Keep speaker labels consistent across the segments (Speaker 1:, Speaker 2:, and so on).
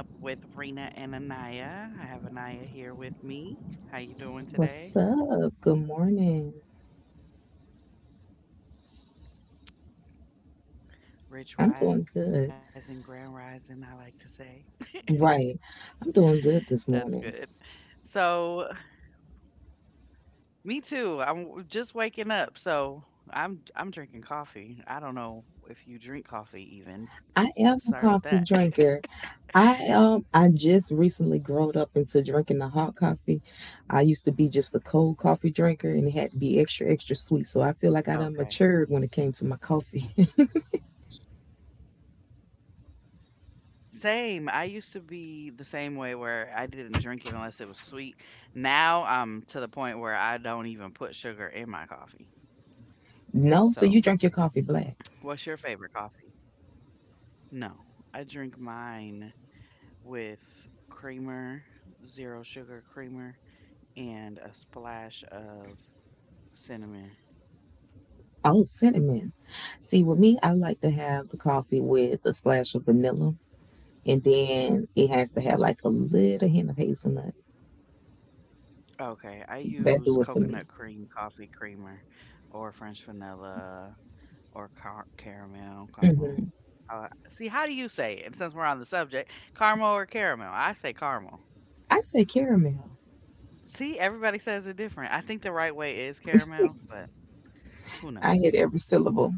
Speaker 1: Welcome to Waking Up with Rena and Anaya. I have Anaya here with
Speaker 2: What's
Speaker 1: me. How
Speaker 2: up?
Speaker 1: you
Speaker 2: Good
Speaker 1: doing today?
Speaker 2: morning. I'm doing
Speaker 1: Rich
Speaker 2: good.
Speaker 1: rising, grand rising, I like to say.
Speaker 2: Right. I'm doing good this
Speaker 1: That's
Speaker 2: morning.
Speaker 1: good. So, Me too. Just waking up, so I'm drinking coffee. I don't know if you drink coffee even.
Speaker 2: I am a
Speaker 1: So let's start
Speaker 2: coffee
Speaker 1: with that.
Speaker 2: drinker. I just recently growed up into drinking the hot coffee. I used to be just a cold coffee drinker and it had to be extra extra sweet. So I feel like I
Speaker 1: Okay.
Speaker 2: done matured when it came to my coffee.
Speaker 1: Same. I used to be the same way where I didn't drink it unless it was sweet. Now I'm to the point where I don't even put sugar in my coffee.
Speaker 2: No, so
Speaker 1: So,
Speaker 2: you drink your coffee black.
Speaker 1: what's your favorite coffee? No, I drink mine with creamer, zero sugar creamer, and a splash of cinnamon.
Speaker 2: Oh, cinnamon. See, with me, I like to have the coffee with a splash of vanilla, and then it has to have like a little hint of hazelnut.
Speaker 1: Okay, I
Speaker 2: That
Speaker 1: use
Speaker 2: do it for me.
Speaker 1: coconut cream coffee creamer or French vanilla or caramel, caramel. See, how do you say it? And since we're on the subject, caramel or caramel? I say caramel.
Speaker 2: I say caramel.
Speaker 1: See, everybody says it different. I think the right way is caramel, but who
Speaker 2: I
Speaker 1: knows?
Speaker 2: hit every syllable.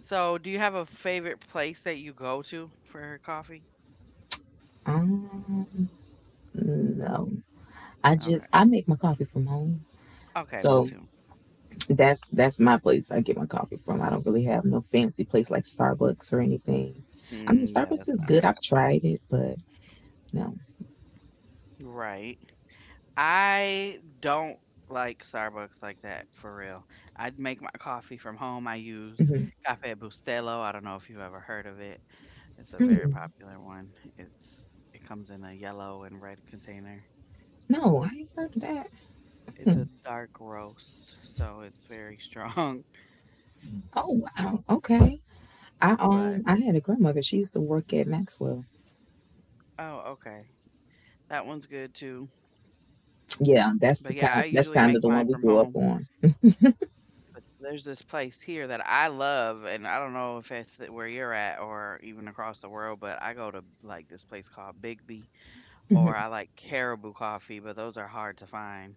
Speaker 1: So, do you have a favorite place that you go to for coffee?
Speaker 2: I don't know. I
Speaker 1: Okay.
Speaker 2: just I make my coffee from home.
Speaker 1: Okay, me
Speaker 2: So
Speaker 1: too.
Speaker 2: that's my place I get my coffee from. I don't really have no fancy place like Starbucks or anything. I mean
Speaker 1: Mm, yeah,
Speaker 2: Starbucks
Speaker 1: that's
Speaker 2: is
Speaker 1: not my
Speaker 2: good. I've
Speaker 1: cup of
Speaker 2: tried
Speaker 1: tea.
Speaker 2: it, but no.
Speaker 1: Right. I don't like Starbucks like that for real. I'd make my coffee from home. I use
Speaker 2: Hmm.
Speaker 1: Cafe Bustelo. I don't know if you've ever heard of it. It's a very popular one. It's it comes in a yellow and red container.
Speaker 2: No, I ain't heard of that.
Speaker 1: It's a dark roast, so it's very strong.
Speaker 2: Oh wow. Okay. I um
Speaker 1: But
Speaker 2: I had a grandmother. She used to work at Maxwell.
Speaker 1: oh, okay. That one's good too.
Speaker 2: Yeah,
Speaker 1: But, yeah,
Speaker 2: that's
Speaker 1: I
Speaker 2: the
Speaker 1: usually
Speaker 2: kind
Speaker 1: make
Speaker 2: that's
Speaker 1: mine
Speaker 2: kind of
Speaker 1: from
Speaker 2: the one we
Speaker 1: home,
Speaker 2: grew up on.
Speaker 1: but there's this place here that I love, and I don't know if it's where you're at or even across the world, but I go to, like, this place called Bigby,
Speaker 2: Hmm.
Speaker 1: or I like Caribou Coffee, but those are hard to find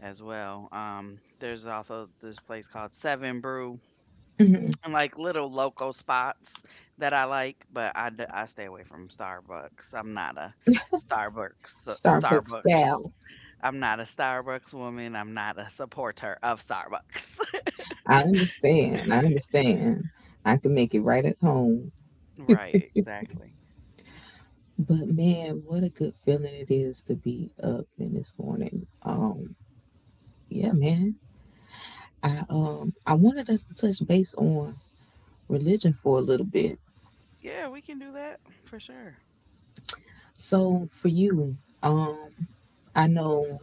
Speaker 1: as well. There's also this place called Seven Brew,
Speaker 2: Hmm.
Speaker 1: and like little local spots that I like, but I stay away from Starbucks. I'm not a
Speaker 2: Starbucks
Speaker 1: Starbucks.
Speaker 2: gal.
Speaker 1: I'm not a Starbucks woman. I'm not a supporter of Starbucks.
Speaker 2: I understand. I understand. I can make it right at home.
Speaker 1: Right, exactly.
Speaker 2: But man, what a good feeling it is to be up in this morning. Yeah, man. I wanted us to touch base on religion for a little bit.
Speaker 1: Yeah, we can do that for sure.
Speaker 2: So for you, um, I know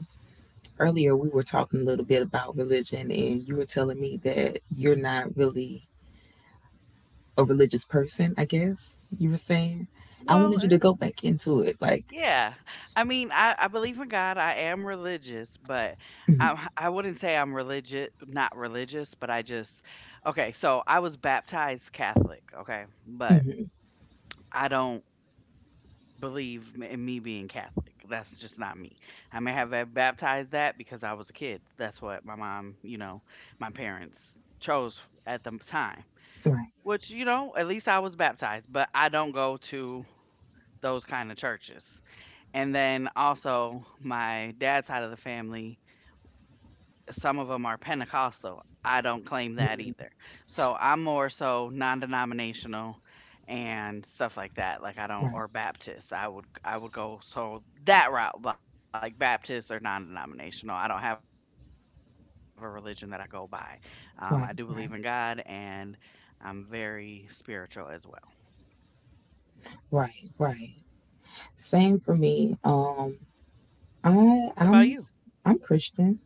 Speaker 2: earlier we were talking a little bit about religion and you were telling me that you're not really a religious person, I guess you were saying. I
Speaker 1: Well,
Speaker 2: wanted you to
Speaker 1: uh,
Speaker 2: go back into it, like,
Speaker 1: yeah. I mean, I believe in God. I am religious, but
Speaker 2: mhm,
Speaker 1: I wouldn't say I'm religious, not religious, but okay, so I was baptized Catholic, okay, but I don't in me being Catholic. That's just not me. I may have had baptized that because I was a kid. That's what my mom, you know, my parents chose at the time.
Speaker 2: right.
Speaker 1: Which, you know, at least I was baptized, but I don't go to those kind of churches. And then also my dad's side of the family, some of them are Pentecostal. I don't claim that
Speaker 2: Mhm.
Speaker 1: either. So I'm more so non-denominational and stuff like that. Like I don't
Speaker 2: Right.
Speaker 1: or Baptist. I would go so that route, like Baptist or non-denominational. I don't have a religion that I go by. I do believe in God and
Speaker 2: Right,
Speaker 1: I'm
Speaker 2: right,
Speaker 1: very spiritual as well.
Speaker 2: right, right. Same for me.
Speaker 1: What about you?
Speaker 2: I'm I'm Christian,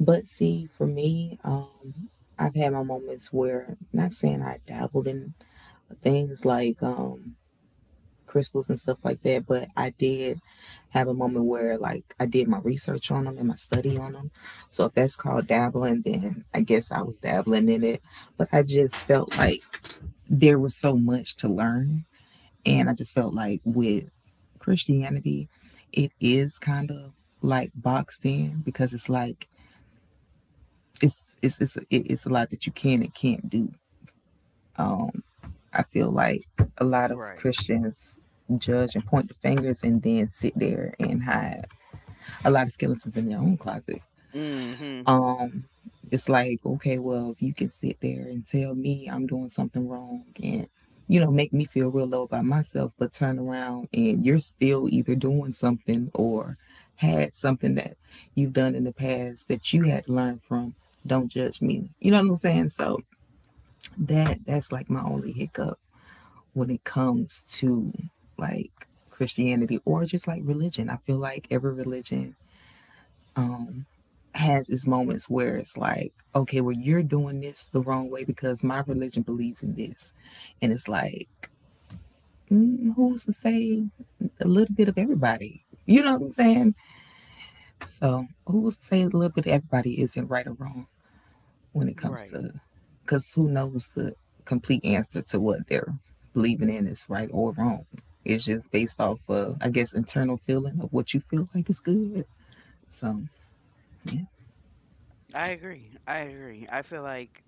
Speaker 2: but see, for me, I've had my moments where, not saying I dabbled in things like crystals and stuff like that, but I did have a moment where like I did my research on them and my study on them. So if that's called dabbling, then I guess I was dabbling in it. But I just felt like there was so much to learn, and I just felt like with Christianity, it is kind of like boxed in because it's like it's a lot that you can and can't do. I feel like a lot of
Speaker 1: Right.
Speaker 2: Christians judge and point the fingers and then sit there and hide a lot of skeletons in their own closet.
Speaker 1: Mm-hmm.
Speaker 2: Um, it's like, okay, well, if you can sit there and tell me I'm doing something wrong and, you know, make me feel real low about myself, but turn around and you're still either doing something or had something that you've done in the past that you had to learn from. Don't judge me. You know what I'm saying? So that's like my only hiccup when it comes to like Christianity or just like religion. I feel like every religion has its moments where it's like, okay, well, you're doing this the wrong way because my religion believes in this. And it's like, mm, who's to say a little bit of everybody? You know what I'm saying? So, who's to say a little bit of everybody isn't right or wrong when it
Speaker 1: Right.
Speaker 2: comes to, because who knows the complete answer to what they're believing in is right or wrong? It's just based off of, I guess, internal feeling of what you feel like is good. So, yeah.
Speaker 1: I agree. I agree. I feel like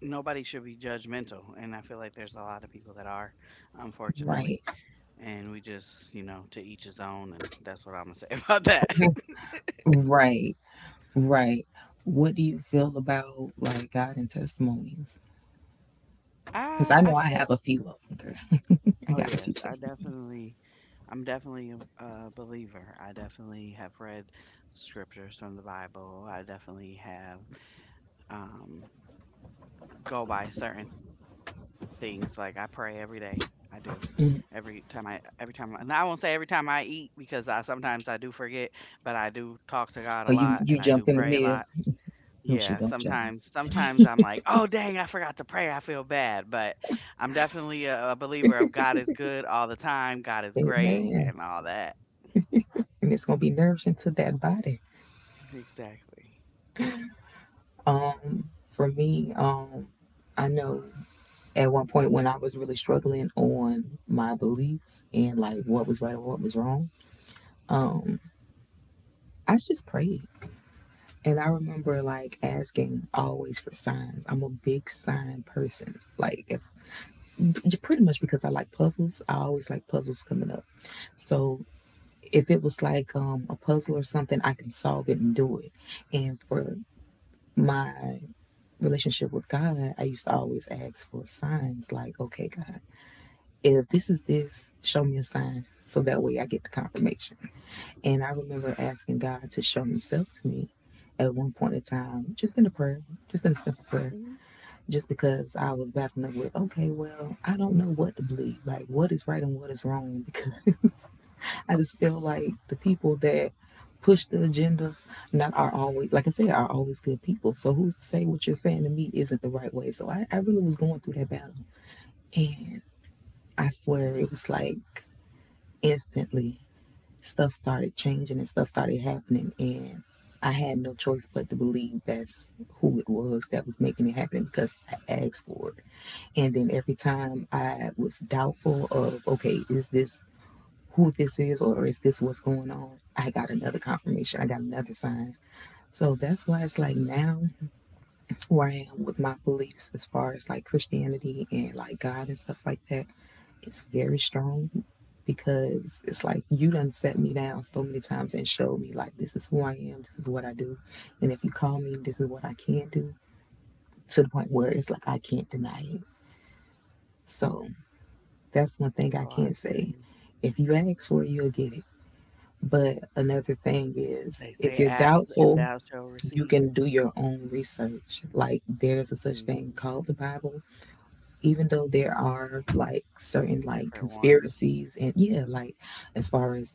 Speaker 1: nobody should be judgmental, and I feel like there's a lot of people that are, unfortunately.
Speaker 2: Right.
Speaker 1: And we just, you know, to each his own, and that's what I'm gonna say about that.
Speaker 2: Right. Right. What do you feel about like God and testimonies? Because I
Speaker 1: I
Speaker 2: know I
Speaker 1: feel
Speaker 2: have a few of them, girl. I
Speaker 1: Oh
Speaker 2: got a
Speaker 1: yes,
Speaker 2: few
Speaker 1: I
Speaker 2: testimonies.
Speaker 1: definitely I'm definitely a believer. I definitely have read scriptures from the Bible. I definitely have um go by certain things like I pray every day. I do.
Speaker 2: Mm.
Speaker 1: Every time and I won't say every time I eat because I sometimes I do forget, but I do talk to God a
Speaker 2: Oh,
Speaker 1: lot
Speaker 2: you
Speaker 1: and I
Speaker 2: you
Speaker 1: do
Speaker 2: jump in
Speaker 1: pray
Speaker 2: the
Speaker 1: a lot.
Speaker 2: middle. No, she
Speaker 1: Yeah,
Speaker 2: don't, y'all.
Speaker 1: sometimes I'm like, "Oh, dang, I forgot to pray. I feel bad." But I'm definitely a believer of God is good all the time. God is great
Speaker 2: Amen.
Speaker 1: and all that.
Speaker 2: And it's gonna be nourishing to that body.
Speaker 1: Exactly.
Speaker 2: For me, I know at one point when I was really struggling on my beliefs and like what was right or what was wrong, I just prayed. And I remember like asking always for signs. I'm a big sign person. Like if, pretty much because I like puzzles. I always like puzzles coming up. So if it was like a puzzle or something, I can solve it and do it. And for my relationship with God, I used to always ask for signs like, okay, God, if this is this, show me a sign so that way I get the confirmation. And I remember asking God to show Himself to me at one point in time, just in a prayer, just in a simple prayer.
Speaker 1: Hmm.
Speaker 2: Just because I was battling up with, okay, well, I don't know what to believe, like what is right and what is wrong, because I just feel like the people that push the agenda not are always, like I said, are always good people. So who's to say what you're saying to me isn't the right way? So I really was going through that battle. And I swear it was like instantly stuff started changing and stuff started happening and I had no choice but to believe that's who it was that was making it happen because I asked for it. And then every time I was doubtful of, okay, is this who this is or is this what's going on? I got another confirmation. I got another sign. So that's why it's like now who I am with my beliefs as far as like Christianity and like God and stuff like that. It's very strong because it's like you done set me down so many times and showed me like this is who I am, this is what I do, and if you call me, this is what I can do to the point where it's like I can't deny it. So that's one thing I
Speaker 1: Oh, I
Speaker 2: can
Speaker 1: feel
Speaker 2: say.
Speaker 1: you.
Speaker 2: If you ask for it, you'll get it. But another thing is,
Speaker 1: They
Speaker 2: if
Speaker 1: say
Speaker 2: you're
Speaker 1: ask and
Speaker 2: doubtful,
Speaker 1: thou shall
Speaker 2: you
Speaker 1: receive.
Speaker 2: can do your own research. Like there's a such thing
Speaker 1: Hmm.
Speaker 2: called the Bible, even though there are like certain like
Speaker 1: Different ones.
Speaker 2: conspiracies and yeah, like as far as,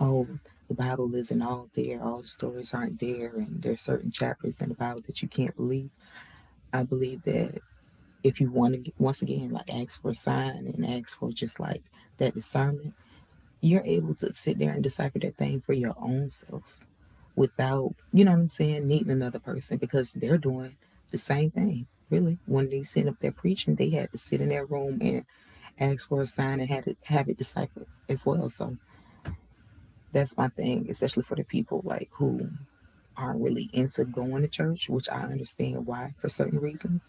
Speaker 2: oh, the Bible isn't all there, all the stories aren't there, and there's certain chapters in the Bible that you can't believe. I believe that if you want to get, once again like ask for a sign and ask for just like that discernment, you're able to sit there and decipher that thing for your own self without, you know what I'm saying, needing another person because they're doing the same thing. Really, when they sit up there preaching, they had to sit in their room and ask for a sign and had it, have it deciphered as well. So that's my thing, especially for the people like who aren't really into going to church, which I understand why for certain reasons.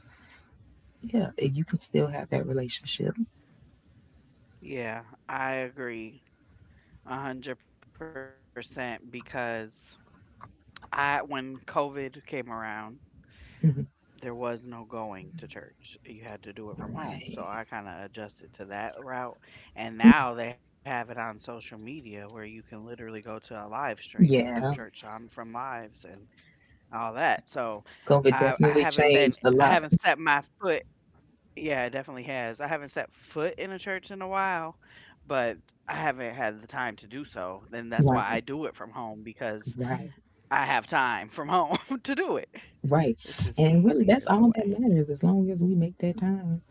Speaker 2: Yeah, and you can still have that relationship.
Speaker 1: Yeah, I agree a 100% because I when COVID came around, there
Speaker 2: Mhm.
Speaker 1: was no going to church. You had to do it from home. So I kind
Speaker 2: Right.
Speaker 1: of adjusted to that route. And now they have it on social media where you can literally go to a live stream and do church
Speaker 2: Yeah.
Speaker 1: on from lives and all that. So
Speaker 2: COVID definitely changed a
Speaker 1: I
Speaker 2: lot.
Speaker 1: haven't set my foot. Yeah, it definitely has. I haven't set foot in a church in a while, but I haven't had the time to do so. Then that's why I
Speaker 2: Right.
Speaker 1: do it from home because
Speaker 2: Right.
Speaker 1: I have time from home to do it.
Speaker 2: Right.
Speaker 1: It's just
Speaker 2: And really
Speaker 1: easier
Speaker 2: that's
Speaker 1: that
Speaker 2: all
Speaker 1: way.
Speaker 2: that matters as long as we make that time.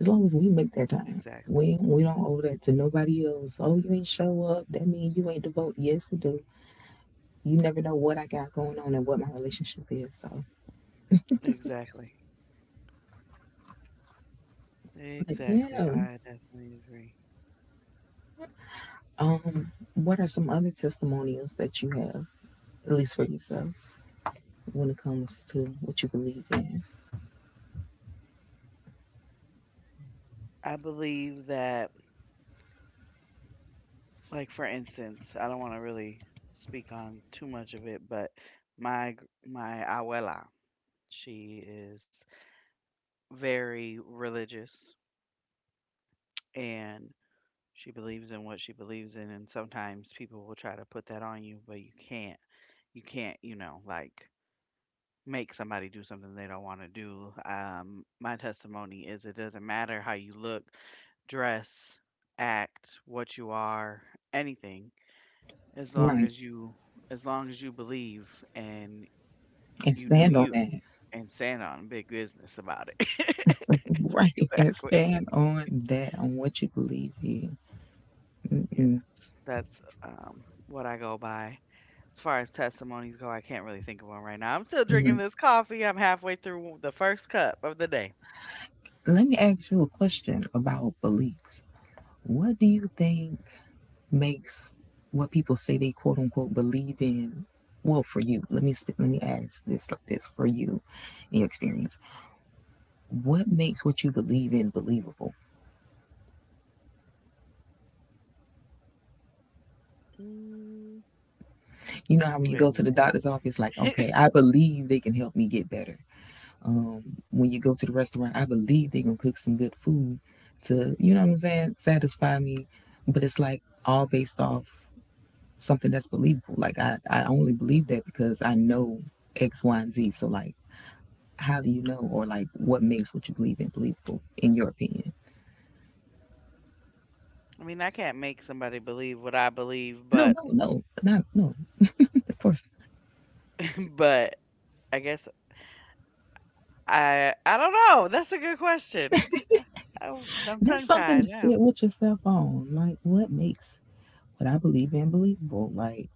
Speaker 2: As long as we make that time.
Speaker 1: Exactly.
Speaker 2: We don't owe that to nobody else. Oh, you ain't show up. That means you ain't devoted. Yes, it do. You never know what I got going on and what my relationship is. So,
Speaker 1: Exactly.
Speaker 2: but yeah,
Speaker 1: Exactly. I definitely agree.
Speaker 2: what are some other testimonials that you have, at least for yourself, when it comes to what you believe in?
Speaker 1: I believe that, like, for instance, I don't want to really speak on too much of it, but my abuela, she is very religious and she believes in what she believes in, and sometimes people will try to put that on you, but you can't. You can't, you know, like make somebody do something they don't want to do. My testimony is it doesn't matter how you look, dress, act, what you are, anything, as long
Speaker 2: Right.
Speaker 1: as you as long as you believe and
Speaker 2: And
Speaker 1: you do
Speaker 2: stand on
Speaker 1: you
Speaker 2: that.
Speaker 1: and stand on big business about it.
Speaker 2: Right. And
Speaker 1: Exactly.
Speaker 2: stand on that, on what you believe in.
Speaker 1: Yes. That's what I go by. As far as testimonies go, I can't really think of one right now. I'm still drinking
Speaker 2: Mhm.
Speaker 1: this coffee. I'm halfway through the first cup of the day.
Speaker 2: Let me ask you a question about beliefs. What do you think makes what people say they quote unquote believe in? Well, for you, let me ask this like this for you, in your experience what makes what you believe in believable?
Speaker 1: Mm,
Speaker 2: You know how when you
Speaker 1: wait a
Speaker 2: go to the
Speaker 1: minute.
Speaker 2: doctor's office, like, okay, I believe they can help me get better. When you go to the restaurant, I believe they gonna cook some good food to, you know what I'm saying, satisfy me. But it's like all based off something that's believable. Like I only believe that because I know X, Y, and Z. So like, how do you know, or like, what makes what you believe in believable, in your opinion?
Speaker 1: I mean, I can't make somebody believe what I believe,
Speaker 2: No,
Speaker 1: but
Speaker 2: no, no, not no. Of course.
Speaker 1: but I guess I don't know. That's a good question. I, I, I'm
Speaker 2: And that's
Speaker 1: tongue
Speaker 2: something to
Speaker 1: tied now.
Speaker 2: sit with yourself on. Like, what makes what I believe in believable? Like,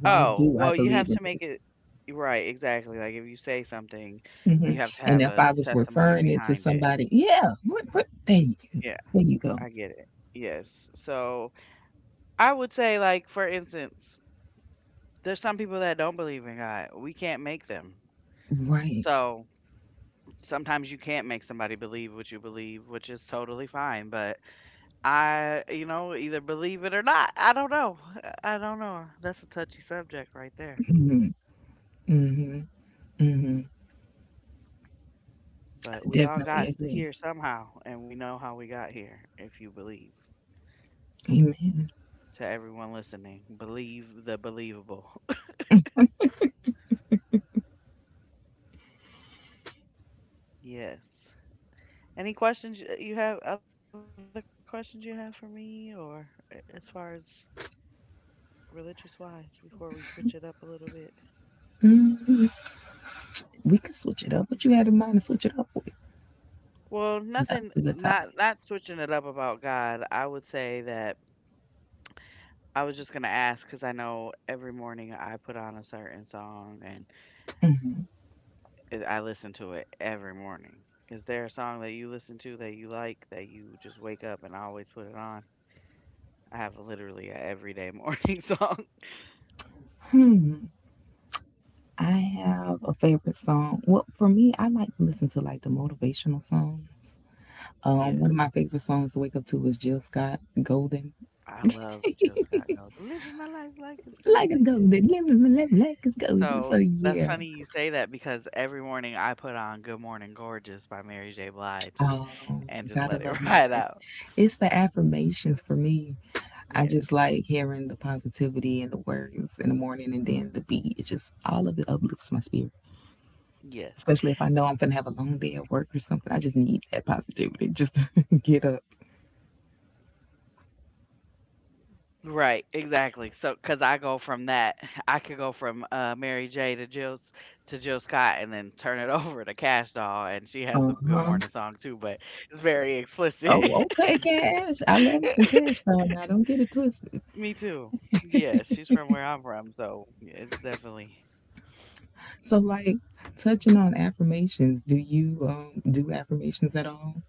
Speaker 2: why
Speaker 1: Oh,
Speaker 2: do I
Speaker 1: well, you
Speaker 2: believe
Speaker 1: have
Speaker 2: in
Speaker 1: to make
Speaker 2: this?
Speaker 1: it right, exactly. Like if you say something,
Speaker 2: Hmm.
Speaker 1: you have to
Speaker 2: And
Speaker 1: have
Speaker 2: if
Speaker 1: a
Speaker 2: I was
Speaker 1: testimony
Speaker 2: referring it to
Speaker 1: behind it.
Speaker 2: somebody, yeah, what, there, you, go.
Speaker 1: Yeah,
Speaker 2: There you go.
Speaker 1: I get it. Yes. So I would say, like, for instance, there's some people that don't believe in God. We can't make them.
Speaker 2: Right.
Speaker 1: So sometimes you can't make somebody believe what you believe, which is totally fine. But I, you know, either believe it or not. I don't know. I don't know. That's a touchy subject right there. But
Speaker 2: I
Speaker 1: we all
Speaker 2: definitely
Speaker 1: got
Speaker 2: agree.
Speaker 1: here somehow, and we know how we got here if you believe.
Speaker 2: Amen.
Speaker 1: To everyone listening, believe the believable. Yes. Any questions y- you have? Other questions you have for me, or as far as religious wise, before we switch it up a little bit?
Speaker 2: We can switch it up. What you had in mind to switch it up with?
Speaker 1: Well,
Speaker 2: 'Cause that
Speaker 1: nothing.
Speaker 2: was a good topic.
Speaker 1: Not switching it up about God. I would say that I was just gonna ask because I know every morning I put on a certain song and it I listen to it every morning. Is there a song that you listen to that you like that you just wake up and always put it on? I have literally a everyday morning song.
Speaker 2: I have a favorite song. Well, for me, I like to listen to like the motivational song. One
Speaker 1: Yes,
Speaker 2: of my favorite songs to wake up to is Jill Scott Golden.
Speaker 1: I love Jill Scott Gold. Living my life like it's
Speaker 2: Like it's
Speaker 1: golden, yeah.
Speaker 2: golden. Let me, like it's golden. So
Speaker 1: So that's
Speaker 2: yeah,
Speaker 1: funny you say that because every morning I put on Good Morning Gorgeous by Mary J. Blige
Speaker 2: oh,
Speaker 1: and just
Speaker 2: gotta
Speaker 1: let
Speaker 2: love
Speaker 1: it ride
Speaker 2: Mary.
Speaker 1: out.
Speaker 2: It's the affirmations for me. I just
Speaker 1: Yes,
Speaker 2: like hearing the positivity and the words in the morning, and then the beat. It just all of it uplifts my spirit. Especially if I know
Speaker 1: yes.
Speaker 2: I'm gonna have a long day at work or something, I just need that positivity just to get up.
Speaker 1: Right, exactly. So, cause I go from that, I could go from, Mary J. to Jill S to Jill Scott and then turn it over to Cash Doll, and she has a
Speaker 2: Uh
Speaker 1: good
Speaker 2: huh.
Speaker 1: morning song too, but it's very explicit.
Speaker 2: Oh, okay, cash. I love me some cash though. Now don't get it twisted.
Speaker 1: Me too. Yeah, she's from where I'm from, so yeah, it's definitely
Speaker 2: So like, touching on affirmations, do you do affirmations at all?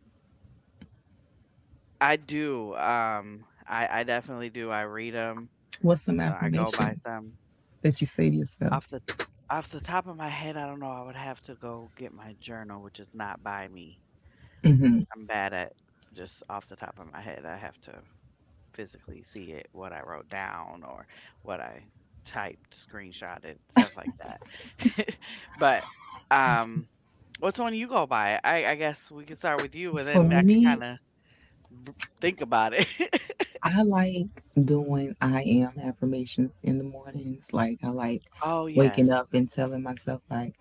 Speaker 1: I do, I definitely do. I read 'em,
Speaker 2: What's some
Speaker 1: so I go by
Speaker 2: affirmations
Speaker 1: some.
Speaker 2: that you say to yourself?
Speaker 1: Off the Off the top of my head, I don't know. I would have to go get my journal, which is not by me. I'm bad at just off the top of my head. I have to physically see it, what I wrote down or what I typed, screenshotted, stuff like that. but um, what's one you go by? I guess we could start with you, and then
Speaker 2: For
Speaker 1: I can
Speaker 2: me,
Speaker 1: kind of b- think about it.
Speaker 2: I like doing I am affirmations in the mornings. Like, I like
Speaker 1: Oh
Speaker 2: waking up
Speaker 1: yes,
Speaker 2: and telling myself like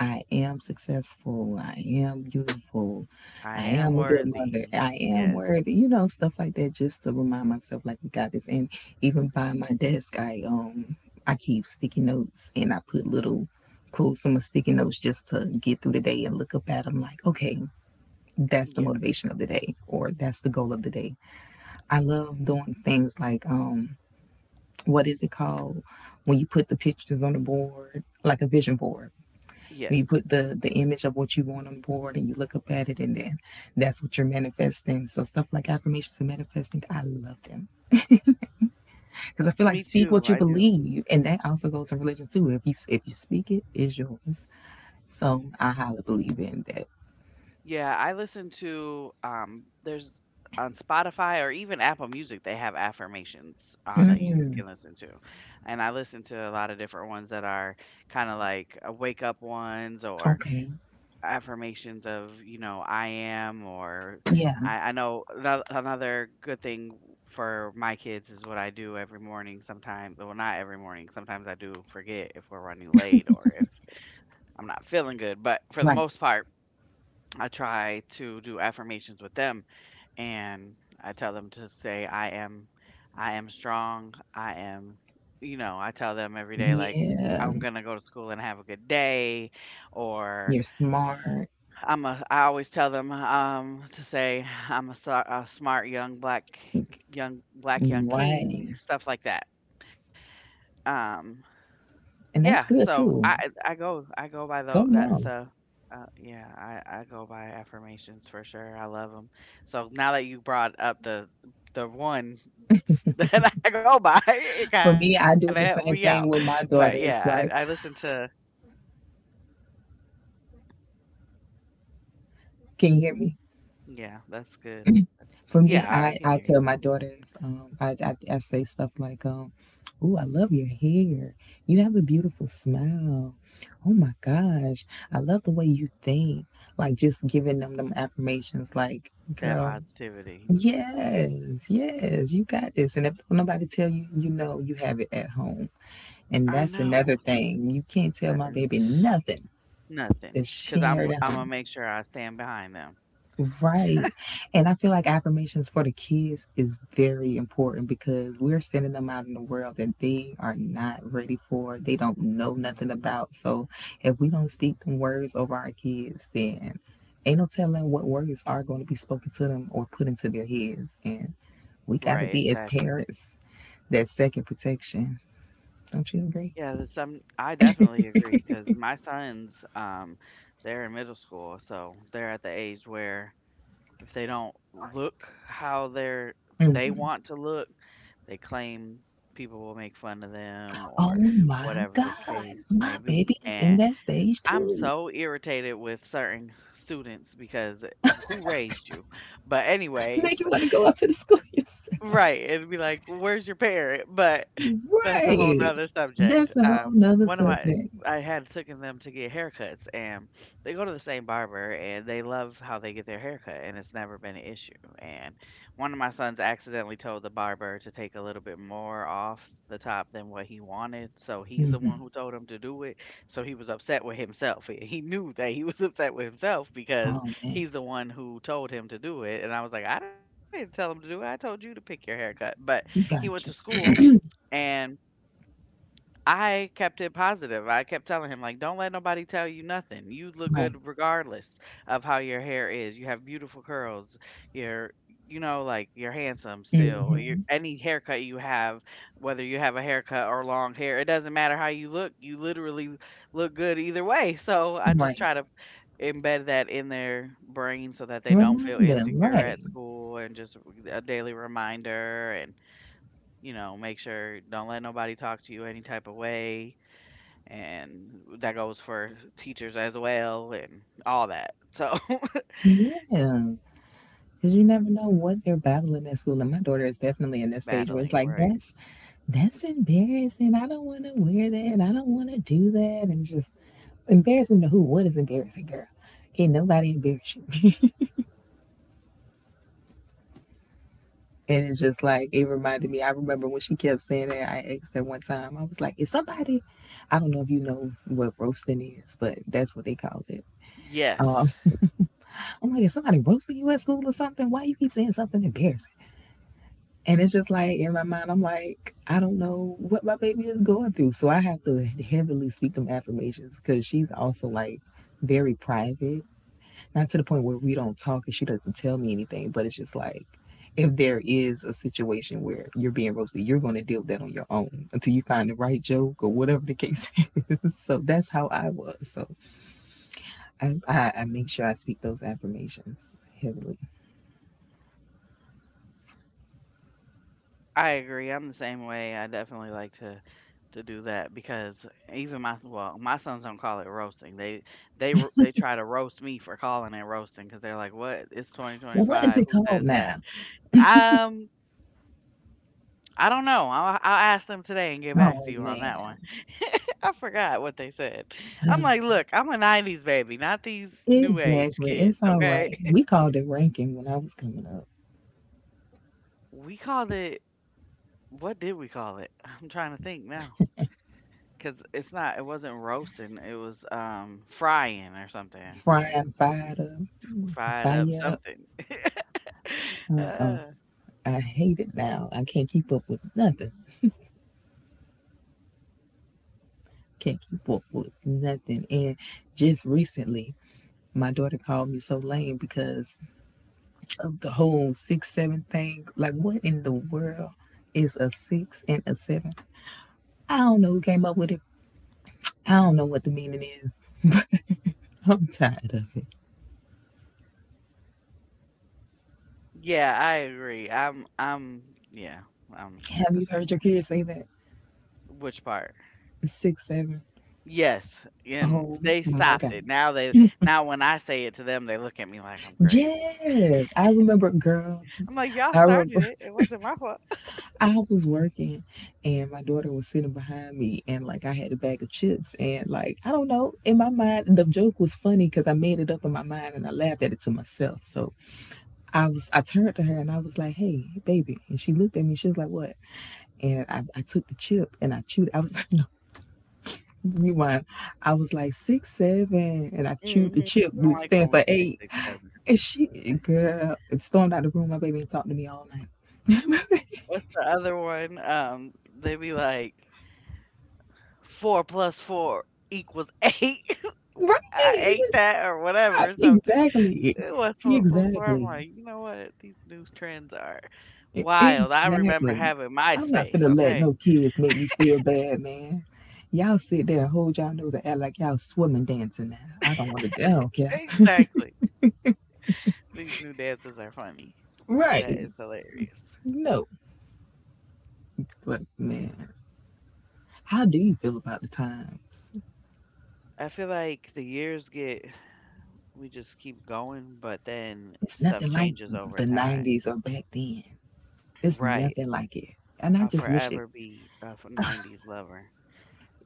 Speaker 2: I am successful, I am beautiful,
Speaker 1: I
Speaker 2: I
Speaker 1: am
Speaker 2: am a good mother,
Speaker 1: worthy.
Speaker 2: I am
Speaker 1: Yeah,
Speaker 2: worthy, stuff like that just to remind myself like we got this. And even by my desk, I keep sticky notes and I put little quotes on my sticky notes just to get through the day and look up at them like, okay, that's the
Speaker 1: yes,
Speaker 2: motivation of the day or that's the goal of the day. I love doing things like, what is it called, when you put the pictures on the board, like a vision board. When you
Speaker 1: yes.
Speaker 2: put the image of what you want on the board and you look up at it and then that's what you're manifesting. So stuff like affirmations and manifesting, I love them. Cuz I feel like,
Speaker 1: Me
Speaker 2: speak
Speaker 1: too.
Speaker 2: what you
Speaker 1: I do.
Speaker 2: believe, and that also goes to religion too. If you speak it, it's yours. So I highly believe in that.
Speaker 1: Yeah, I listen to there's on Spotify or even Apple Music they have affirmations that you can listen to. And I listen to a lot of different ones that are kind of like wake up ones or
Speaker 2: Okay.
Speaker 1: affirmations of, you know, I am or
Speaker 2: Yeah.
Speaker 1: I know another good thing for my kids is what I do every morning sometimes. Well, not every morning. Sometimes I do forget if we're running late or if I'm not feeling good. But for the
Speaker 2: Right.
Speaker 1: most part, I try to do affirmations with them and I tell them to say I am strong. I am, you know, I tell them every day like
Speaker 2: Yeah.
Speaker 1: I'm going to go to school and have a good day or
Speaker 2: You're smart.
Speaker 1: I'm a I always tell them to say a smart young black young king
Speaker 2: Right.
Speaker 1: stuff like that. Um
Speaker 2: And
Speaker 1: Yeah,
Speaker 2: that's good
Speaker 1: so I
Speaker 2: too.
Speaker 1: go by
Speaker 2: Go
Speaker 1: tho that
Speaker 2: mom.
Speaker 1: stuff. Yeah, I go by affirmations for sure. I love them. So now that you brought up the one that I go by, it kind of
Speaker 2: For
Speaker 1: helped me
Speaker 2: me, I
Speaker 1: out.
Speaker 2: do the same
Speaker 1: But
Speaker 2: thing with
Speaker 1: yeah,
Speaker 2: my
Speaker 1: I listen
Speaker 2: daughters.
Speaker 1: to
Speaker 2: Like, can you hear me?
Speaker 1: yeah, that's good.
Speaker 2: For
Speaker 1: Yeah,
Speaker 2: me,
Speaker 1: I can
Speaker 2: I,
Speaker 1: hear you.
Speaker 2: I tell my daughters, I say stuff like. Ooh, I love your hair. You have a beautiful smile. Oh my gosh. I love the way you think. Like, just giving them affirmations like,
Speaker 1: That
Speaker 2: girl,
Speaker 1: positivity.
Speaker 2: yes, yes, you got this. And if nobody tell you, you know you have it at home. And
Speaker 1: I
Speaker 2: that's
Speaker 1: know
Speaker 2: another thing. You can't tell
Speaker 1: that
Speaker 2: my baby
Speaker 1: is
Speaker 2: nothing
Speaker 1: nothing
Speaker 2: that
Speaker 1: because
Speaker 2: she
Speaker 1: I'm
Speaker 2: heard
Speaker 1: I'm
Speaker 2: out.
Speaker 1: gonna make sure I stand behind them.
Speaker 2: Right. And I feel like affirmations for the kids is very important, because we're sending them out in the world that they are not ready for. They don't know nothing
Speaker 1: hmm
Speaker 2: about. So if we don't speak them words over our kids, then ain't no telling what words are going to be spoken to them or put into their heads. And we got to
Speaker 1: Right,
Speaker 2: be, as
Speaker 1: exactly.
Speaker 2: parents, that second protection. Don't you agree?
Speaker 1: Yeah, there's some I definitely agree because my sons, they're in middle school, so they're at the age where if they don't look how they want to look, they claim people will make fun of them
Speaker 2: Oh
Speaker 1: or
Speaker 2: my
Speaker 1: whatever the case
Speaker 2: God, my
Speaker 1: may be.
Speaker 2: baby is in
Speaker 1: And
Speaker 2: that stage
Speaker 1: I'm
Speaker 2: too.
Speaker 1: so irritated with certain students because who raised you? But
Speaker 2: Make
Speaker 1: anyways,
Speaker 2: you want to go out to the school yourself.
Speaker 1: right, it'd be like, "Well, where's your parrot?" But that's a whole
Speaker 2: Right.
Speaker 1: nother subject.
Speaker 2: That's a whole nother
Speaker 1: One of my
Speaker 2: subject.
Speaker 1: I had taken them to get haircuts, and they go to the same barber, and they love how they get their haircut, and it's never been an issue, and one of my sons accidentally told the barber to take a little bit more off the top than what he wanted, so he's the one
Speaker 2: Hmm.
Speaker 1: who told him to do it, so he was upset with himself, and he knew that he was upset with himself because
Speaker 2: Oh man,
Speaker 1: he's the one who told him to do it, and I was like, "I didn't tell him to do it, I told you to pick your haircut," but he went to
Speaker 2: gotcha.
Speaker 1: school, and I kept it positive, I kept telling him, like, "Don't let nobody tell you nothing, you look
Speaker 2: Right.
Speaker 1: good regardless of how your hair is, you have beautiful curls, you're like, you're handsome still, you're
Speaker 2: Hmm.
Speaker 1: any haircut you have, whether you have a haircut or long hair, it doesn't matter how you look, you literally look good either way," so I just
Speaker 2: Right.
Speaker 1: try to embed that in their brain so that they don't feel
Speaker 2: Remind them.
Speaker 1: insecure
Speaker 2: Right.
Speaker 1: at school and just a daily reminder and make sure don't let nobody talk to you any type of way and that goes for teachers as well and all that so
Speaker 2: Yeah. Because you never know what they're battling at school. And my daughter is definitely in that
Speaker 1: battling
Speaker 2: stage where
Speaker 1: right.
Speaker 2: it's like, that's embarrassing. I don't want to wear that. I don't want to do that. And it's just, embarrassing to who? What is embarrassing, girl? Can't nobody embarrass you. And it's just like, it reminded me. I remember when she kept saying that. I asked her one time. I was like, "Is somebody?" I don't know if you know what roasting is, but that's what they call it. Um,
Speaker 1: Yes,
Speaker 2: I'm like, "Is somebody roasting you at school or something? Why you keep saying something embarrassing?" And it's just like, in my mind, I'm like, I don't know what my baby is going through, so I have to heavily speak them affirmations, because she's also like very private, not to the point where we don't talk and she doesn't tell me anything, but it's just like, if there is a situation where you're being roasted, you're going to deal with that on your own until you find the right joke or whatever the case is. So that's how I was. So I make sure I speak those affirmations heavily.
Speaker 1: I agree. I'm the same way. I definitely like to do that because even my well, my sons don't call it roasting. They they try to roast me for calling it roasting because they're like, "What? It's
Speaker 2: Well, what is
Speaker 1: 2025.
Speaker 2: it
Speaker 1: Who
Speaker 2: called
Speaker 1: says
Speaker 2: now?
Speaker 1: that?" Um, I don't know. I'll ask them today and get back to
Speaker 2: Oh,
Speaker 1: you on that one.
Speaker 2: man.
Speaker 1: I forgot what they said. I'm like, look, I'm a 90s baby, not these new age
Speaker 2: Exactly.
Speaker 1: kids,
Speaker 2: It's all
Speaker 1: okay?
Speaker 2: right. We called it ranking when I was coming up.
Speaker 1: We called it, what did we call it? I'm trying to think now. 'Cause it wasn't roasting, it was, frying or something, like,
Speaker 2: Frying,
Speaker 1: y
Speaker 2: fired up,
Speaker 1: fried up
Speaker 2: fire up.
Speaker 1: something.
Speaker 2: Uh-uh.
Speaker 1: Uh,
Speaker 2: I hate it now. I can't keep up with nothing. Can't keep up with nothing. And just recently, my daughter called me so lame because of the whole six seven thing. Like, what in the world is a six and a seven? I don't know who came up with it. I don't know what the meaning is, but I'm tired of it.
Speaker 1: yeah, I agree. Yeah, I'm
Speaker 2: Have
Speaker 1: the
Speaker 2: you
Speaker 1: same
Speaker 2: heard your
Speaker 1: way.
Speaker 2: kids say that?
Speaker 1: Which part?
Speaker 2: Six seven.
Speaker 1: Yes, and
Speaker 2: Oh
Speaker 1: they
Speaker 2: my
Speaker 1: stopped
Speaker 2: god.
Speaker 1: it. Now when I say it to them, they look at me like I'm crazy.
Speaker 2: Yes, I remember, girl.
Speaker 1: I'm like, "Y'all
Speaker 2: I
Speaker 1: started
Speaker 2: remember.
Speaker 1: it. It wasn't my fault."
Speaker 2: I was working and my daughter was sitting behind me, and like, I had a bag of chips, and like, I don't know, in my mind the joke was funny cuz I made it up in my mind and I laughed at it to myself. So I turned to her and I was like, "Hey, baby." And she looked at me. She was like, "What?" And I took the chip and I chewed. I was no, rewind. I was like six seven and I chewed the
Speaker 1: Mhm.
Speaker 2: chip
Speaker 1: They
Speaker 2: to
Speaker 1: don't like when
Speaker 2: stand
Speaker 1: we
Speaker 2: for
Speaker 1: say
Speaker 2: eight.
Speaker 1: 6, 7.
Speaker 2: And she girl, it stormed out the room. My baby ain't talked to me all night.
Speaker 1: What's the other one? They be like 4 plus 4 equals 8. I ate
Speaker 2: Right?
Speaker 1: that or whatever or something.
Speaker 2: Exactly.
Speaker 1: It was 4 plus 4. I'm
Speaker 2: Exactly.
Speaker 1: like, you know what? These new trends are wild. I remember
Speaker 2: Exactly.
Speaker 1: having
Speaker 2: I'm not
Speaker 1: MySpace,
Speaker 2: finna let
Speaker 1: okay?
Speaker 2: no kids make me feel bad, man. Y'all sit there and hold y'all nose and act like y'all swimming, dancing now. I don't want to, I don't care.
Speaker 1: Exactly. These new dances are funny.
Speaker 2: Right.
Speaker 1: That is hilarious.
Speaker 2: No. But
Speaker 1: Yeah.
Speaker 2: man, how do you feel about the times?
Speaker 1: I feel like the years get, we just keep going, but then
Speaker 2: It's
Speaker 1: stuff
Speaker 2: nothing like
Speaker 1: changes over
Speaker 2: the
Speaker 1: time.
Speaker 2: 90s or back then. It's
Speaker 1: Right.
Speaker 2: nothing like it. And I
Speaker 1: I'll
Speaker 2: just wish it.
Speaker 1: forever be a 90s lover.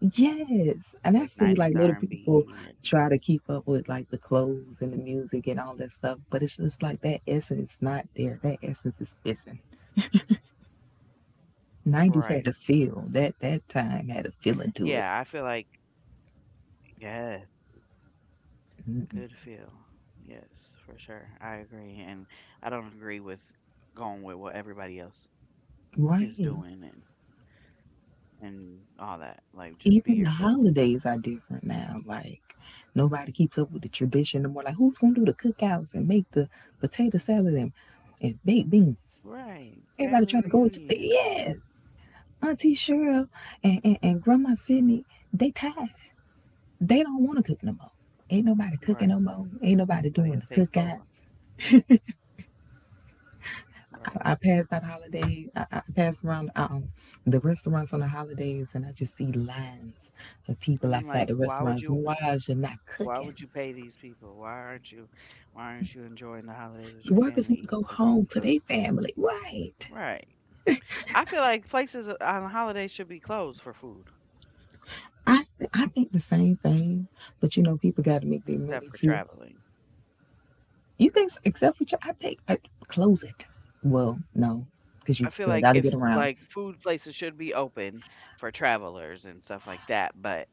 Speaker 2: Yes, and I
Speaker 1: Like
Speaker 2: see like
Speaker 1: 90s
Speaker 2: little people
Speaker 1: R&B and B.
Speaker 2: try to keep up with like the clothes and the music and all that stuff, but it's just like that essence not there. That essence is missing.
Speaker 1: And, right.
Speaker 2: Nineties had a feel. That
Speaker 1: Yeah, I feel
Speaker 2: time
Speaker 1: like
Speaker 2: had a feeling to it,
Speaker 1: yes, good feel. Yes, for sure. I agree and I don't agree with going with what everybody else is doing
Speaker 2: right?
Speaker 1: and all that. Like just be yourself.
Speaker 2: Even the holidays are different now. Like, nobody keeps up with the tradition no more. Like, who's gonna do the cookouts and make the potato salad and baked beans?
Speaker 1: Right. Family
Speaker 2: Everybody trying to go to,
Speaker 1: reunions and
Speaker 2: yes, Auntie Cheryl and and Grandma Sydney. They tired. They don't want to cook no more. Ain't nobody
Speaker 1: right.
Speaker 2: cooking no more. Ain't nobody
Speaker 1: Somebody will
Speaker 2: doing the
Speaker 1: take over.
Speaker 2: cookouts.
Speaker 1: Right.
Speaker 2: I pass by the holidays. I pass around, the restaurants on the holidays, and I just see lines of
Speaker 1: And
Speaker 2: people
Speaker 1: I'm like,
Speaker 2: outside the restaurants. Why is you not
Speaker 1: why would
Speaker 2: cooking?
Speaker 1: you pay these people? Why aren't you enjoying the holidays with
Speaker 2: The
Speaker 1: your
Speaker 2: workers
Speaker 1: family
Speaker 2: want to
Speaker 1: eating
Speaker 2: go
Speaker 1: some
Speaker 2: home
Speaker 1: home
Speaker 2: to
Speaker 1: cooked
Speaker 2: their
Speaker 1: food?
Speaker 2: family, right?
Speaker 1: Right. I feel like places on holidays should be closed for food.
Speaker 2: I think the same thing, but people got to make their
Speaker 1: Except
Speaker 2: money
Speaker 1: for
Speaker 2: too.
Speaker 1: traveling.
Speaker 2: You
Speaker 1: Yeah.
Speaker 2: think, except for you, I think, close it. Well, no, because you
Speaker 1: I feel
Speaker 2: still
Speaker 1: like
Speaker 2: got to
Speaker 1: if
Speaker 2: get around.
Speaker 1: like food places should be open for travelers and stuff like that, but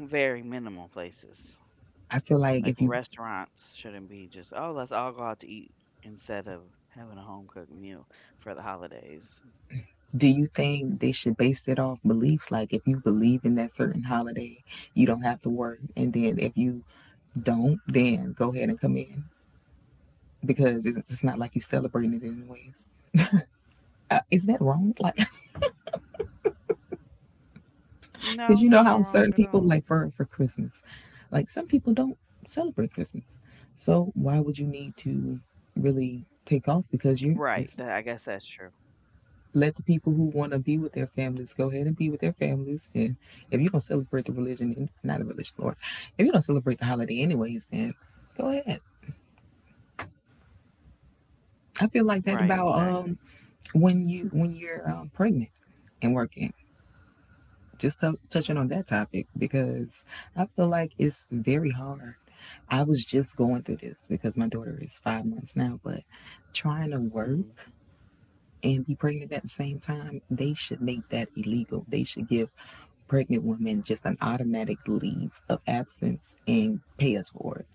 Speaker 1: very minimal places.
Speaker 2: I feel like,
Speaker 1: Like
Speaker 2: if you
Speaker 1: restaurants shouldn't be just, oh, let's all go out to eat instead of having a home cooked meal for the holidays.
Speaker 2: do you think they should base it off beliefs? Like, if you believe in that certain holiday, you don't have to work. And then if you don't, then go ahead and come in, because it's not like you celebrating it anyways. Is that wrong? Like,
Speaker 1: No, it's not
Speaker 2: because you
Speaker 1: wrong
Speaker 2: know
Speaker 1: at
Speaker 2: how
Speaker 1: all.
Speaker 2: certain people, like, for Christmas, like some people don't celebrate Christmas. So why would you need to really take off? Because
Speaker 1: Right.
Speaker 2: you,
Speaker 1: That I
Speaker 2: it's,
Speaker 1: guess that's true.
Speaker 2: let the people who want to be with their families go ahead and be with their families. And if you don't celebrate the religion, not the religion, Lord, if you don't celebrate the holiday anyways, then go ahead. I feel like
Speaker 1: Right,
Speaker 2: that about,
Speaker 1: exactly.
Speaker 2: when you're pregnant and working. Just touching on that topic, because I feel like it's very hard. I was just going through this because my daughter is 5 months now, but trying to
Speaker 1: Mm-hmm.
Speaker 2: work and be pregnant at the same time, they should make that illegal. They should give pregnant women just an automatic leave of absence and pay us for it,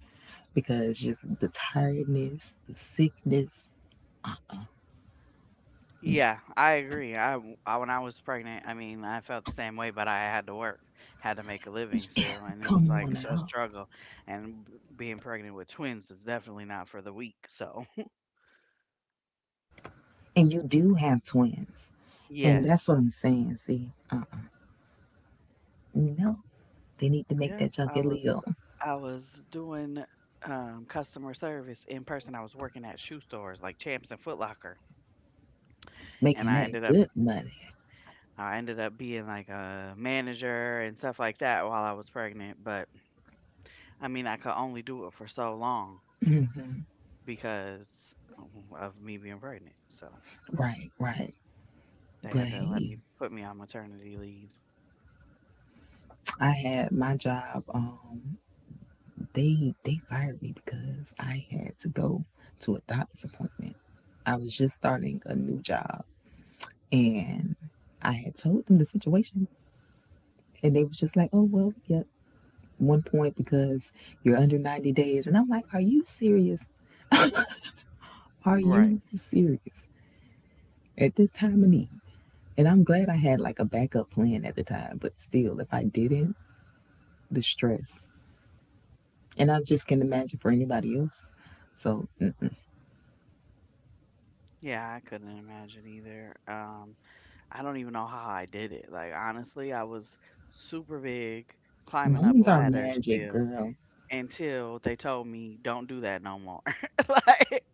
Speaker 2: because just the tiredness, the sickness, no,
Speaker 1: Yeah, I agree. When I was pregnant, I mean, I felt the same way, but I had to work, had to make a living
Speaker 2: you
Speaker 1: still, and it was
Speaker 2: come
Speaker 1: like
Speaker 2: on
Speaker 1: a
Speaker 2: out.
Speaker 1: struggle. And being pregnant with twins is definitely not for the weak. So
Speaker 2: And you do have twins. And that's
Speaker 1: yes,
Speaker 2: what I'm saying. See, no, they need to make
Speaker 1: yeah,
Speaker 2: that junk
Speaker 1: I was,
Speaker 2: illegal,
Speaker 1: I was doing customer service in person. I was working at shoe stores like Champs and Foot Locker, and
Speaker 2: making
Speaker 1: I
Speaker 2: that
Speaker 1: ended up,
Speaker 2: good money.
Speaker 1: I ended up being like a manager and stuff like that while I was pregnant. But I mean, I could only do it for so long because of me being pregnant. So
Speaker 2: Right, right.
Speaker 1: they
Speaker 2: But
Speaker 1: had to let
Speaker 2: hey,
Speaker 1: me put me on maternity leave.
Speaker 2: I had my job. They fired me because I had to go to a doctor's appointment. I was just starting a new job, and I had told them the situation, and they was just like, "Oh, well, yep, 1 point because you're under 90 days." And I'm like, "Are you serious? Are
Speaker 1: Right.
Speaker 2: you serious at this time of need?" And I'm glad I had like a backup plan at the time, but still, if I didn't, the stress. And I just can imagine for anybody else. So,
Speaker 1: Yeah, I couldn't imagine either. I don't even know how I did it. Like honestly, I was super big, climbing up
Speaker 2: moms are
Speaker 1: ladders
Speaker 2: magic,
Speaker 1: still
Speaker 2: girl.
Speaker 1: until they told me don't do that no more. like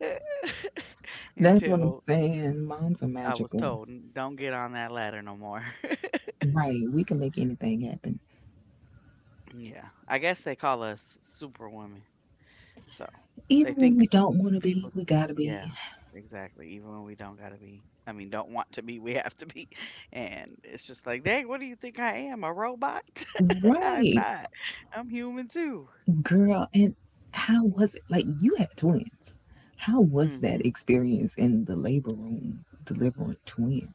Speaker 2: That's what I'm
Speaker 1: until
Speaker 2: saying. Moms are
Speaker 1: I was told
Speaker 2: magical.
Speaker 1: don't get on that ladder no more.
Speaker 2: Right. We can make anything happen.
Speaker 1: Yeah. I guess they call us superwomen. So they
Speaker 2: Even when
Speaker 1: think
Speaker 2: we don't want to be,
Speaker 1: people
Speaker 2: we got to
Speaker 1: yeah,
Speaker 2: be.
Speaker 1: exactly, even when we don't gotta be I mean don't want to be we have to be. And it's just like dang, what do you think, I am a robot? I'm
Speaker 2: Right.
Speaker 1: not, I'm human too.
Speaker 2: Girl, and how was it? Like, you have twins. How was that
Speaker 1: hmm
Speaker 2: experience in the labor room delivering twins?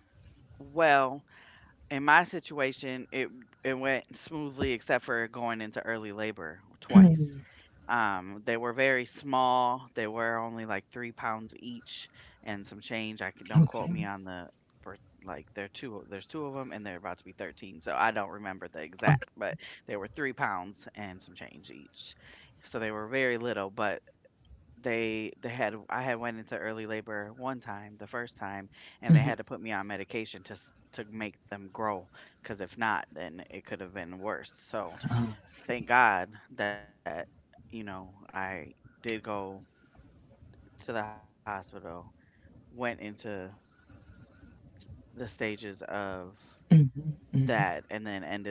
Speaker 1: well, in my situation, it went smoothly except for going into early labor twice. They were very small. They were only like 3 pounds each and some change. Don't quote
Speaker 2: Okay.
Speaker 1: me on the per- like there are two there's two of them and they're about to be 13, so I don't remember the
Speaker 2: Okay.
Speaker 1: exact, but they were 3 pounds and some change each, so they were very little, but they had I had went into early labor one time, the first time, and they
Speaker 2: hmm
Speaker 1: had to put me on medication to make them grow because if not, then it could have been worse. So
Speaker 2: Oh, I
Speaker 1: thank
Speaker 2: see.
Speaker 1: God that you know I did go to the hospital, went into the stages of
Speaker 2: Mm.
Speaker 1: that, and then ended up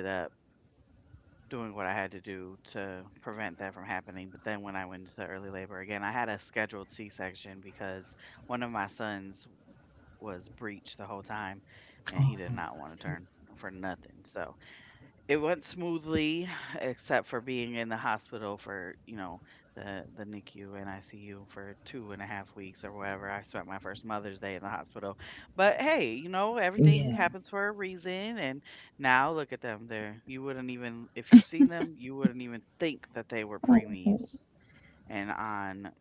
Speaker 1: doing what I had to do to prevent that from happening. But then when I went into early labor again, I had a scheduled C section because one of my sons was breached the whole time, and he did
Speaker 2: Oh,
Speaker 1: not
Speaker 2: I
Speaker 1: want to turn
Speaker 2: see.
Speaker 1: for nothing. So it went smoothly, except for being in the hospital for you know the NICU and ICU for two and a half weeks or whatever. I spent my first Mother's Day in the hospital, but hey, you know everything
Speaker 2: Yeah.
Speaker 1: happens for a reason, and now look at them. There, you wouldn't even if you seen them, you wouldn't even think that they were
Speaker 2: Oh,
Speaker 1: preemies and on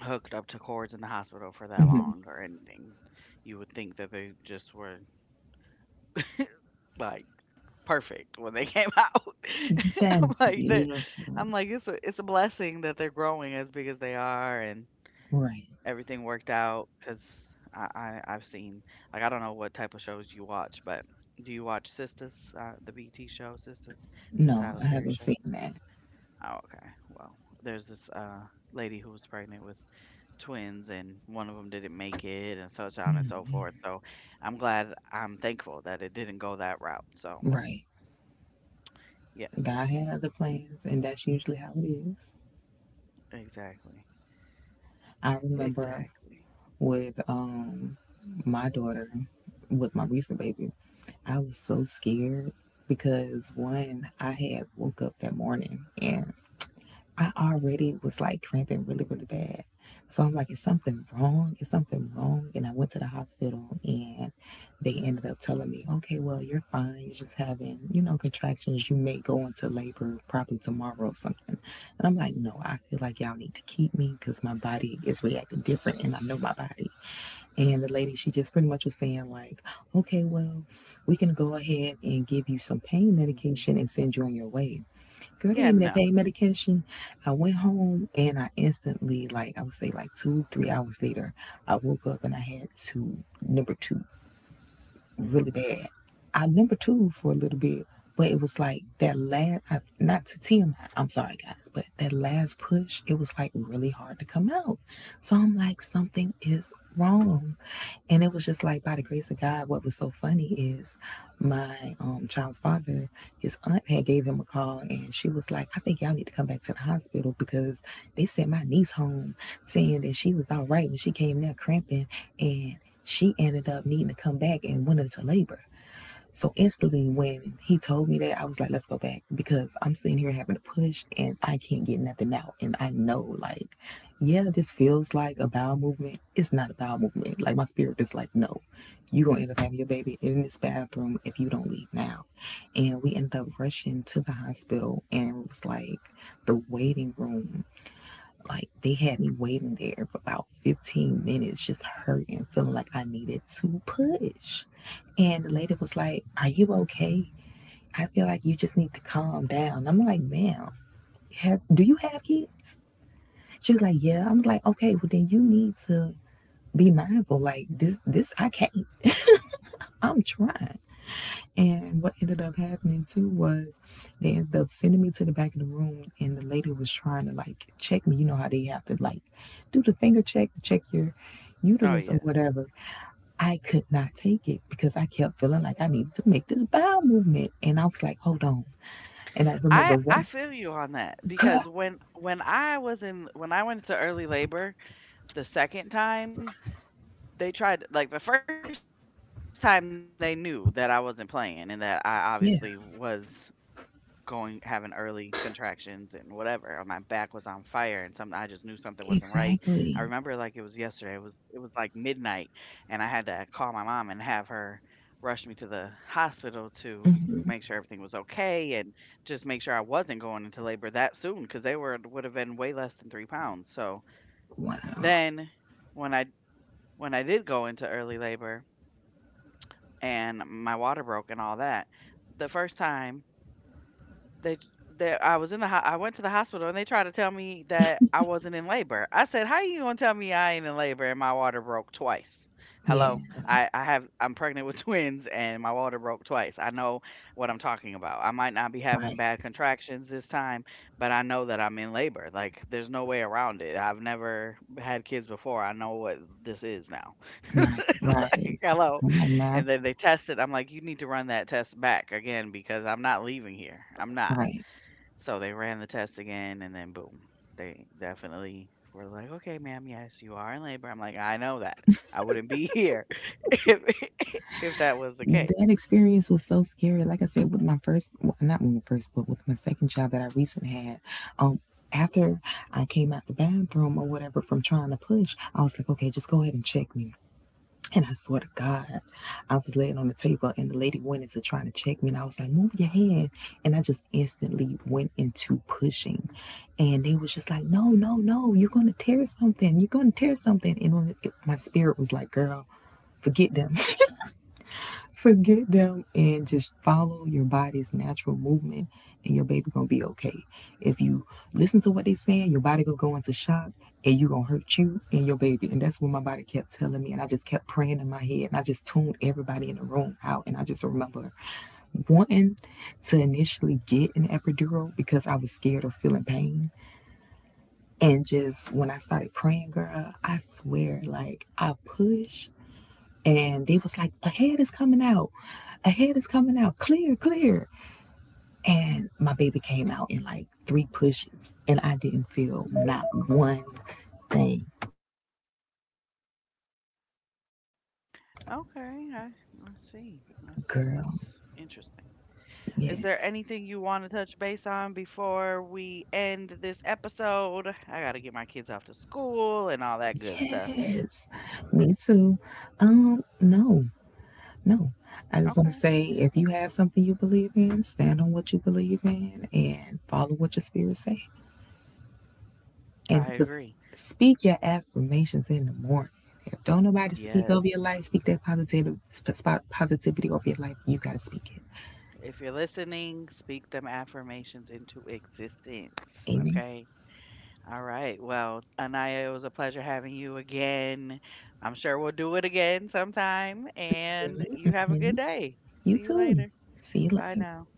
Speaker 1: hooked up to cords in the hospital for that
Speaker 2: mhm.
Speaker 1: long or anything. You would think that they just were like perfect when they came out. I'm
Speaker 2: That's
Speaker 1: like that.
Speaker 2: beautiful.
Speaker 1: I'm like it's a blessing that they're growing as big as they are and
Speaker 2: Right.
Speaker 1: everything worked out because I've seen like I don't know what type of shows you watch, but do you watch Sisters, the BT show Sisters? It's a
Speaker 2: No,
Speaker 1: Tyler
Speaker 2: I
Speaker 1: Perry
Speaker 2: haven't
Speaker 1: show.
Speaker 2: seen that.
Speaker 1: Oh, okay. Well, there's this lady who was pregnant with twins and one of them didn't make it and such on and so forth. So I'm glad I'm thankful that it didn't go that route. So,
Speaker 2: Right. God
Speaker 1: yes.
Speaker 2: had other plans, and that's usually how it is.
Speaker 1: Exactly.
Speaker 2: I remember
Speaker 1: Exactly.
Speaker 2: with my daughter, with my recent baby, I was so scared because one, I had woke up that morning and I already was like cramping really, really bad. So I'm like, is something wrong? Is something wrong? And I went to the hospital and they ended up telling me, okay, well, you're fine. You're just having, you know, contractions. You may go into labor probably tomorrow or something. And I'm like, no, I feel like y'all need to keep me because my body is reacting different and I know my body. And the lady, she just pretty much was saying, like, okay, well, we can go ahead and give you some pain
Speaker 1: Mhm.
Speaker 2: medication and send you on your way. Girl, they
Speaker 1: Yeah,
Speaker 2: gave me that
Speaker 1: no.
Speaker 2: pain medication. I went home and I instantly, like I would say, like two, 3 hours later, I woke up and I had two, number two, really
Speaker 1: Mm.
Speaker 2: bad. I number two for a little bit, but it was like that last, I, not to TMI, I'm sorry guys, but that last push, it was like really hard to come out. So I'm like, something is wrong. And it was just like, by the grace of God, what was so funny is my child's father, his aunt had gave him a call and she was like, I think y'all need to come back to the hospital because they sent my niece home saying that she was all right when she came there cramping and she ended up needing to come back and went into labor. So instantly, when he told me that, I was like, let's go back because I'm sitting here having to push and I can't get nothing out. And I know, like, yeah, this feels like a bowel movement. It's not a bowel movement. Like, my spirit is like, no, you're going to end up having your baby in this bathroom if you don't leave now. And we ended up rushing to the hospital and it was like the waiting room like they had me waiting there for about 15 minutes, just hurting, feeling like I needed to push. And the lady was like, are you okay? I feel like you just need to calm down. I'm like, ma'am, have do you have kids? She was like, yeah. I'm like, okay, well then you need to be mindful. Like this I can't. I'm trying. And what ended up happening too was they ended up sending me to the back of the room, and the lady was trying to like check me. You know how they have to like do the finger check to check your
Speaker 1: Oh
Speaker 2: uterus or
Speaker 1: yeah.
Speaker 2: whatever. I could not take it because I kept feeling like I needed to make this bowel movement, and I was like, hold on. And I remember
Speaker 1: I
Speaker 2: running.
Speaker 1: feel you on that
Speaker 2: God,
Speaker 1: because when I went into early labor the second time, they tried like the first time they knew that I wasn't playing and that I obviously was
Speaker 2: yeah,
Speaker 1: going having early contractions and whatever, and my back was on fire and something I just knew something wasn't right. I remember like it
Speaker 2: exactly.
Speaker 1: was yesterday. It was like midnight and I had to call my mom and have her rush me to the hospital to make sure
Speaker 2: hmm
Speaker 1: everything was okay and just make sure I wasn't going into labor that soon because they were would have been way less than 3 pounds. So
Speaker 2: Wow.
Speaker 1: then when I when I did go into early labor and my water broke and all that, the first time They j they I was in the ho I went to the hospital, and they tried to tell me that I wasn't in labor. I said, "How you gonna tell me I ain't in labor and my water broke twice?
Speaker 2: Yeah.
Speaker 1: Hello? I'm pregnant with twins, and my water broke twice. I know what I'm talking about. I might not be
Speaker 2: Right.
Speaker 1: having bad contractions this time, but I know that I'm in labor. Like, there's no way around it. I've never had kids before. I know what this is now."
Speaker 2: Right. Right.
Speaker 1: Like,
Speaker 2: It's- like,
Speaker 1: hello.
Speaker 2: come on
Speaker 1: And
Speaker 2: now.
Speaker 1: then they tested I'm like, "You need to run that test back again because I'm not leaving here. I'm not."
Speaker 2: Right.
Speaker 1: So they ran the test again, and then boom, they definitely were like, "Okay, ma'am, yes, you are in labor." I'm like, "I know that. I wouldn't be here if if that was the case."
Speaker 2: That experience was so scary. Like I said, with my first, well, not with my first, but with my second child that I recently had, um, after I came out the bathroom or whatever from trying to push, I was like, okay, just go ahead and check me. And I swear to God, I was laying on the table and the lady went into trying to check me. And I was like, move your hand. And I just instantly went into pushing. And they was just like, no, no, no, you're going to tear something. You're going to tear something. And my spirit was like, girl, forget them. Forget them and just follow your body's natural movement and your baby gonna be okay. If you listen to what they saying, your body gonna go into shock and you gonna hurt you and your baby. And that's what my body kept telling me. And I just kept praying in my head and I just tuned everybody in the room out. And I just remember wanting to initially get an epidural because I was scared of feeling pain. And just when I started praying, girl, I swear, like I pushed and they was like, "A head is coming out, a head is coming out, clear, clear." And my baby came out in like three pushes, and I didn't feel not one thing,
Speaker 1: Okay, I see. I see.
Speaker 2: girl.
Speaker 1: That's interesting. Is there
Speaker 2: Yes,
Speaker 1: anything you want to touch base on before we end this episode? I got to get my kids off to school and all that good stuff.
Speaker 2: yes, me too. No, no. I just want to
Speaker 1: Okay,
Speaker 2: say, if you have something you believe in, stand on what you believe in, and follow what your spirit says. And
Speaker 1: I agree.
Speaker 2: speak your affirmations in the morning. If don't nobody speak
Speaker 1: Yes.
Speaker 2: over your life, speak that positive positivity over your life. You gotta speak it.
Speaker 1: If you're listening, speak them affirmations into existence.
Speaker 2: Amen.
Speaker 1: Okay. All right. Well, Anaya, it was a pleasure having you again. I'm sure we'll do it again sometime. And you have a good day.
Speaker 2: You
Speaker 1: See you
Speaker 2: too.
Speaker 1: later.
Speaker 2: See you
Speaker 1: Bye
Speaker 2: later.
Speaker 1: now.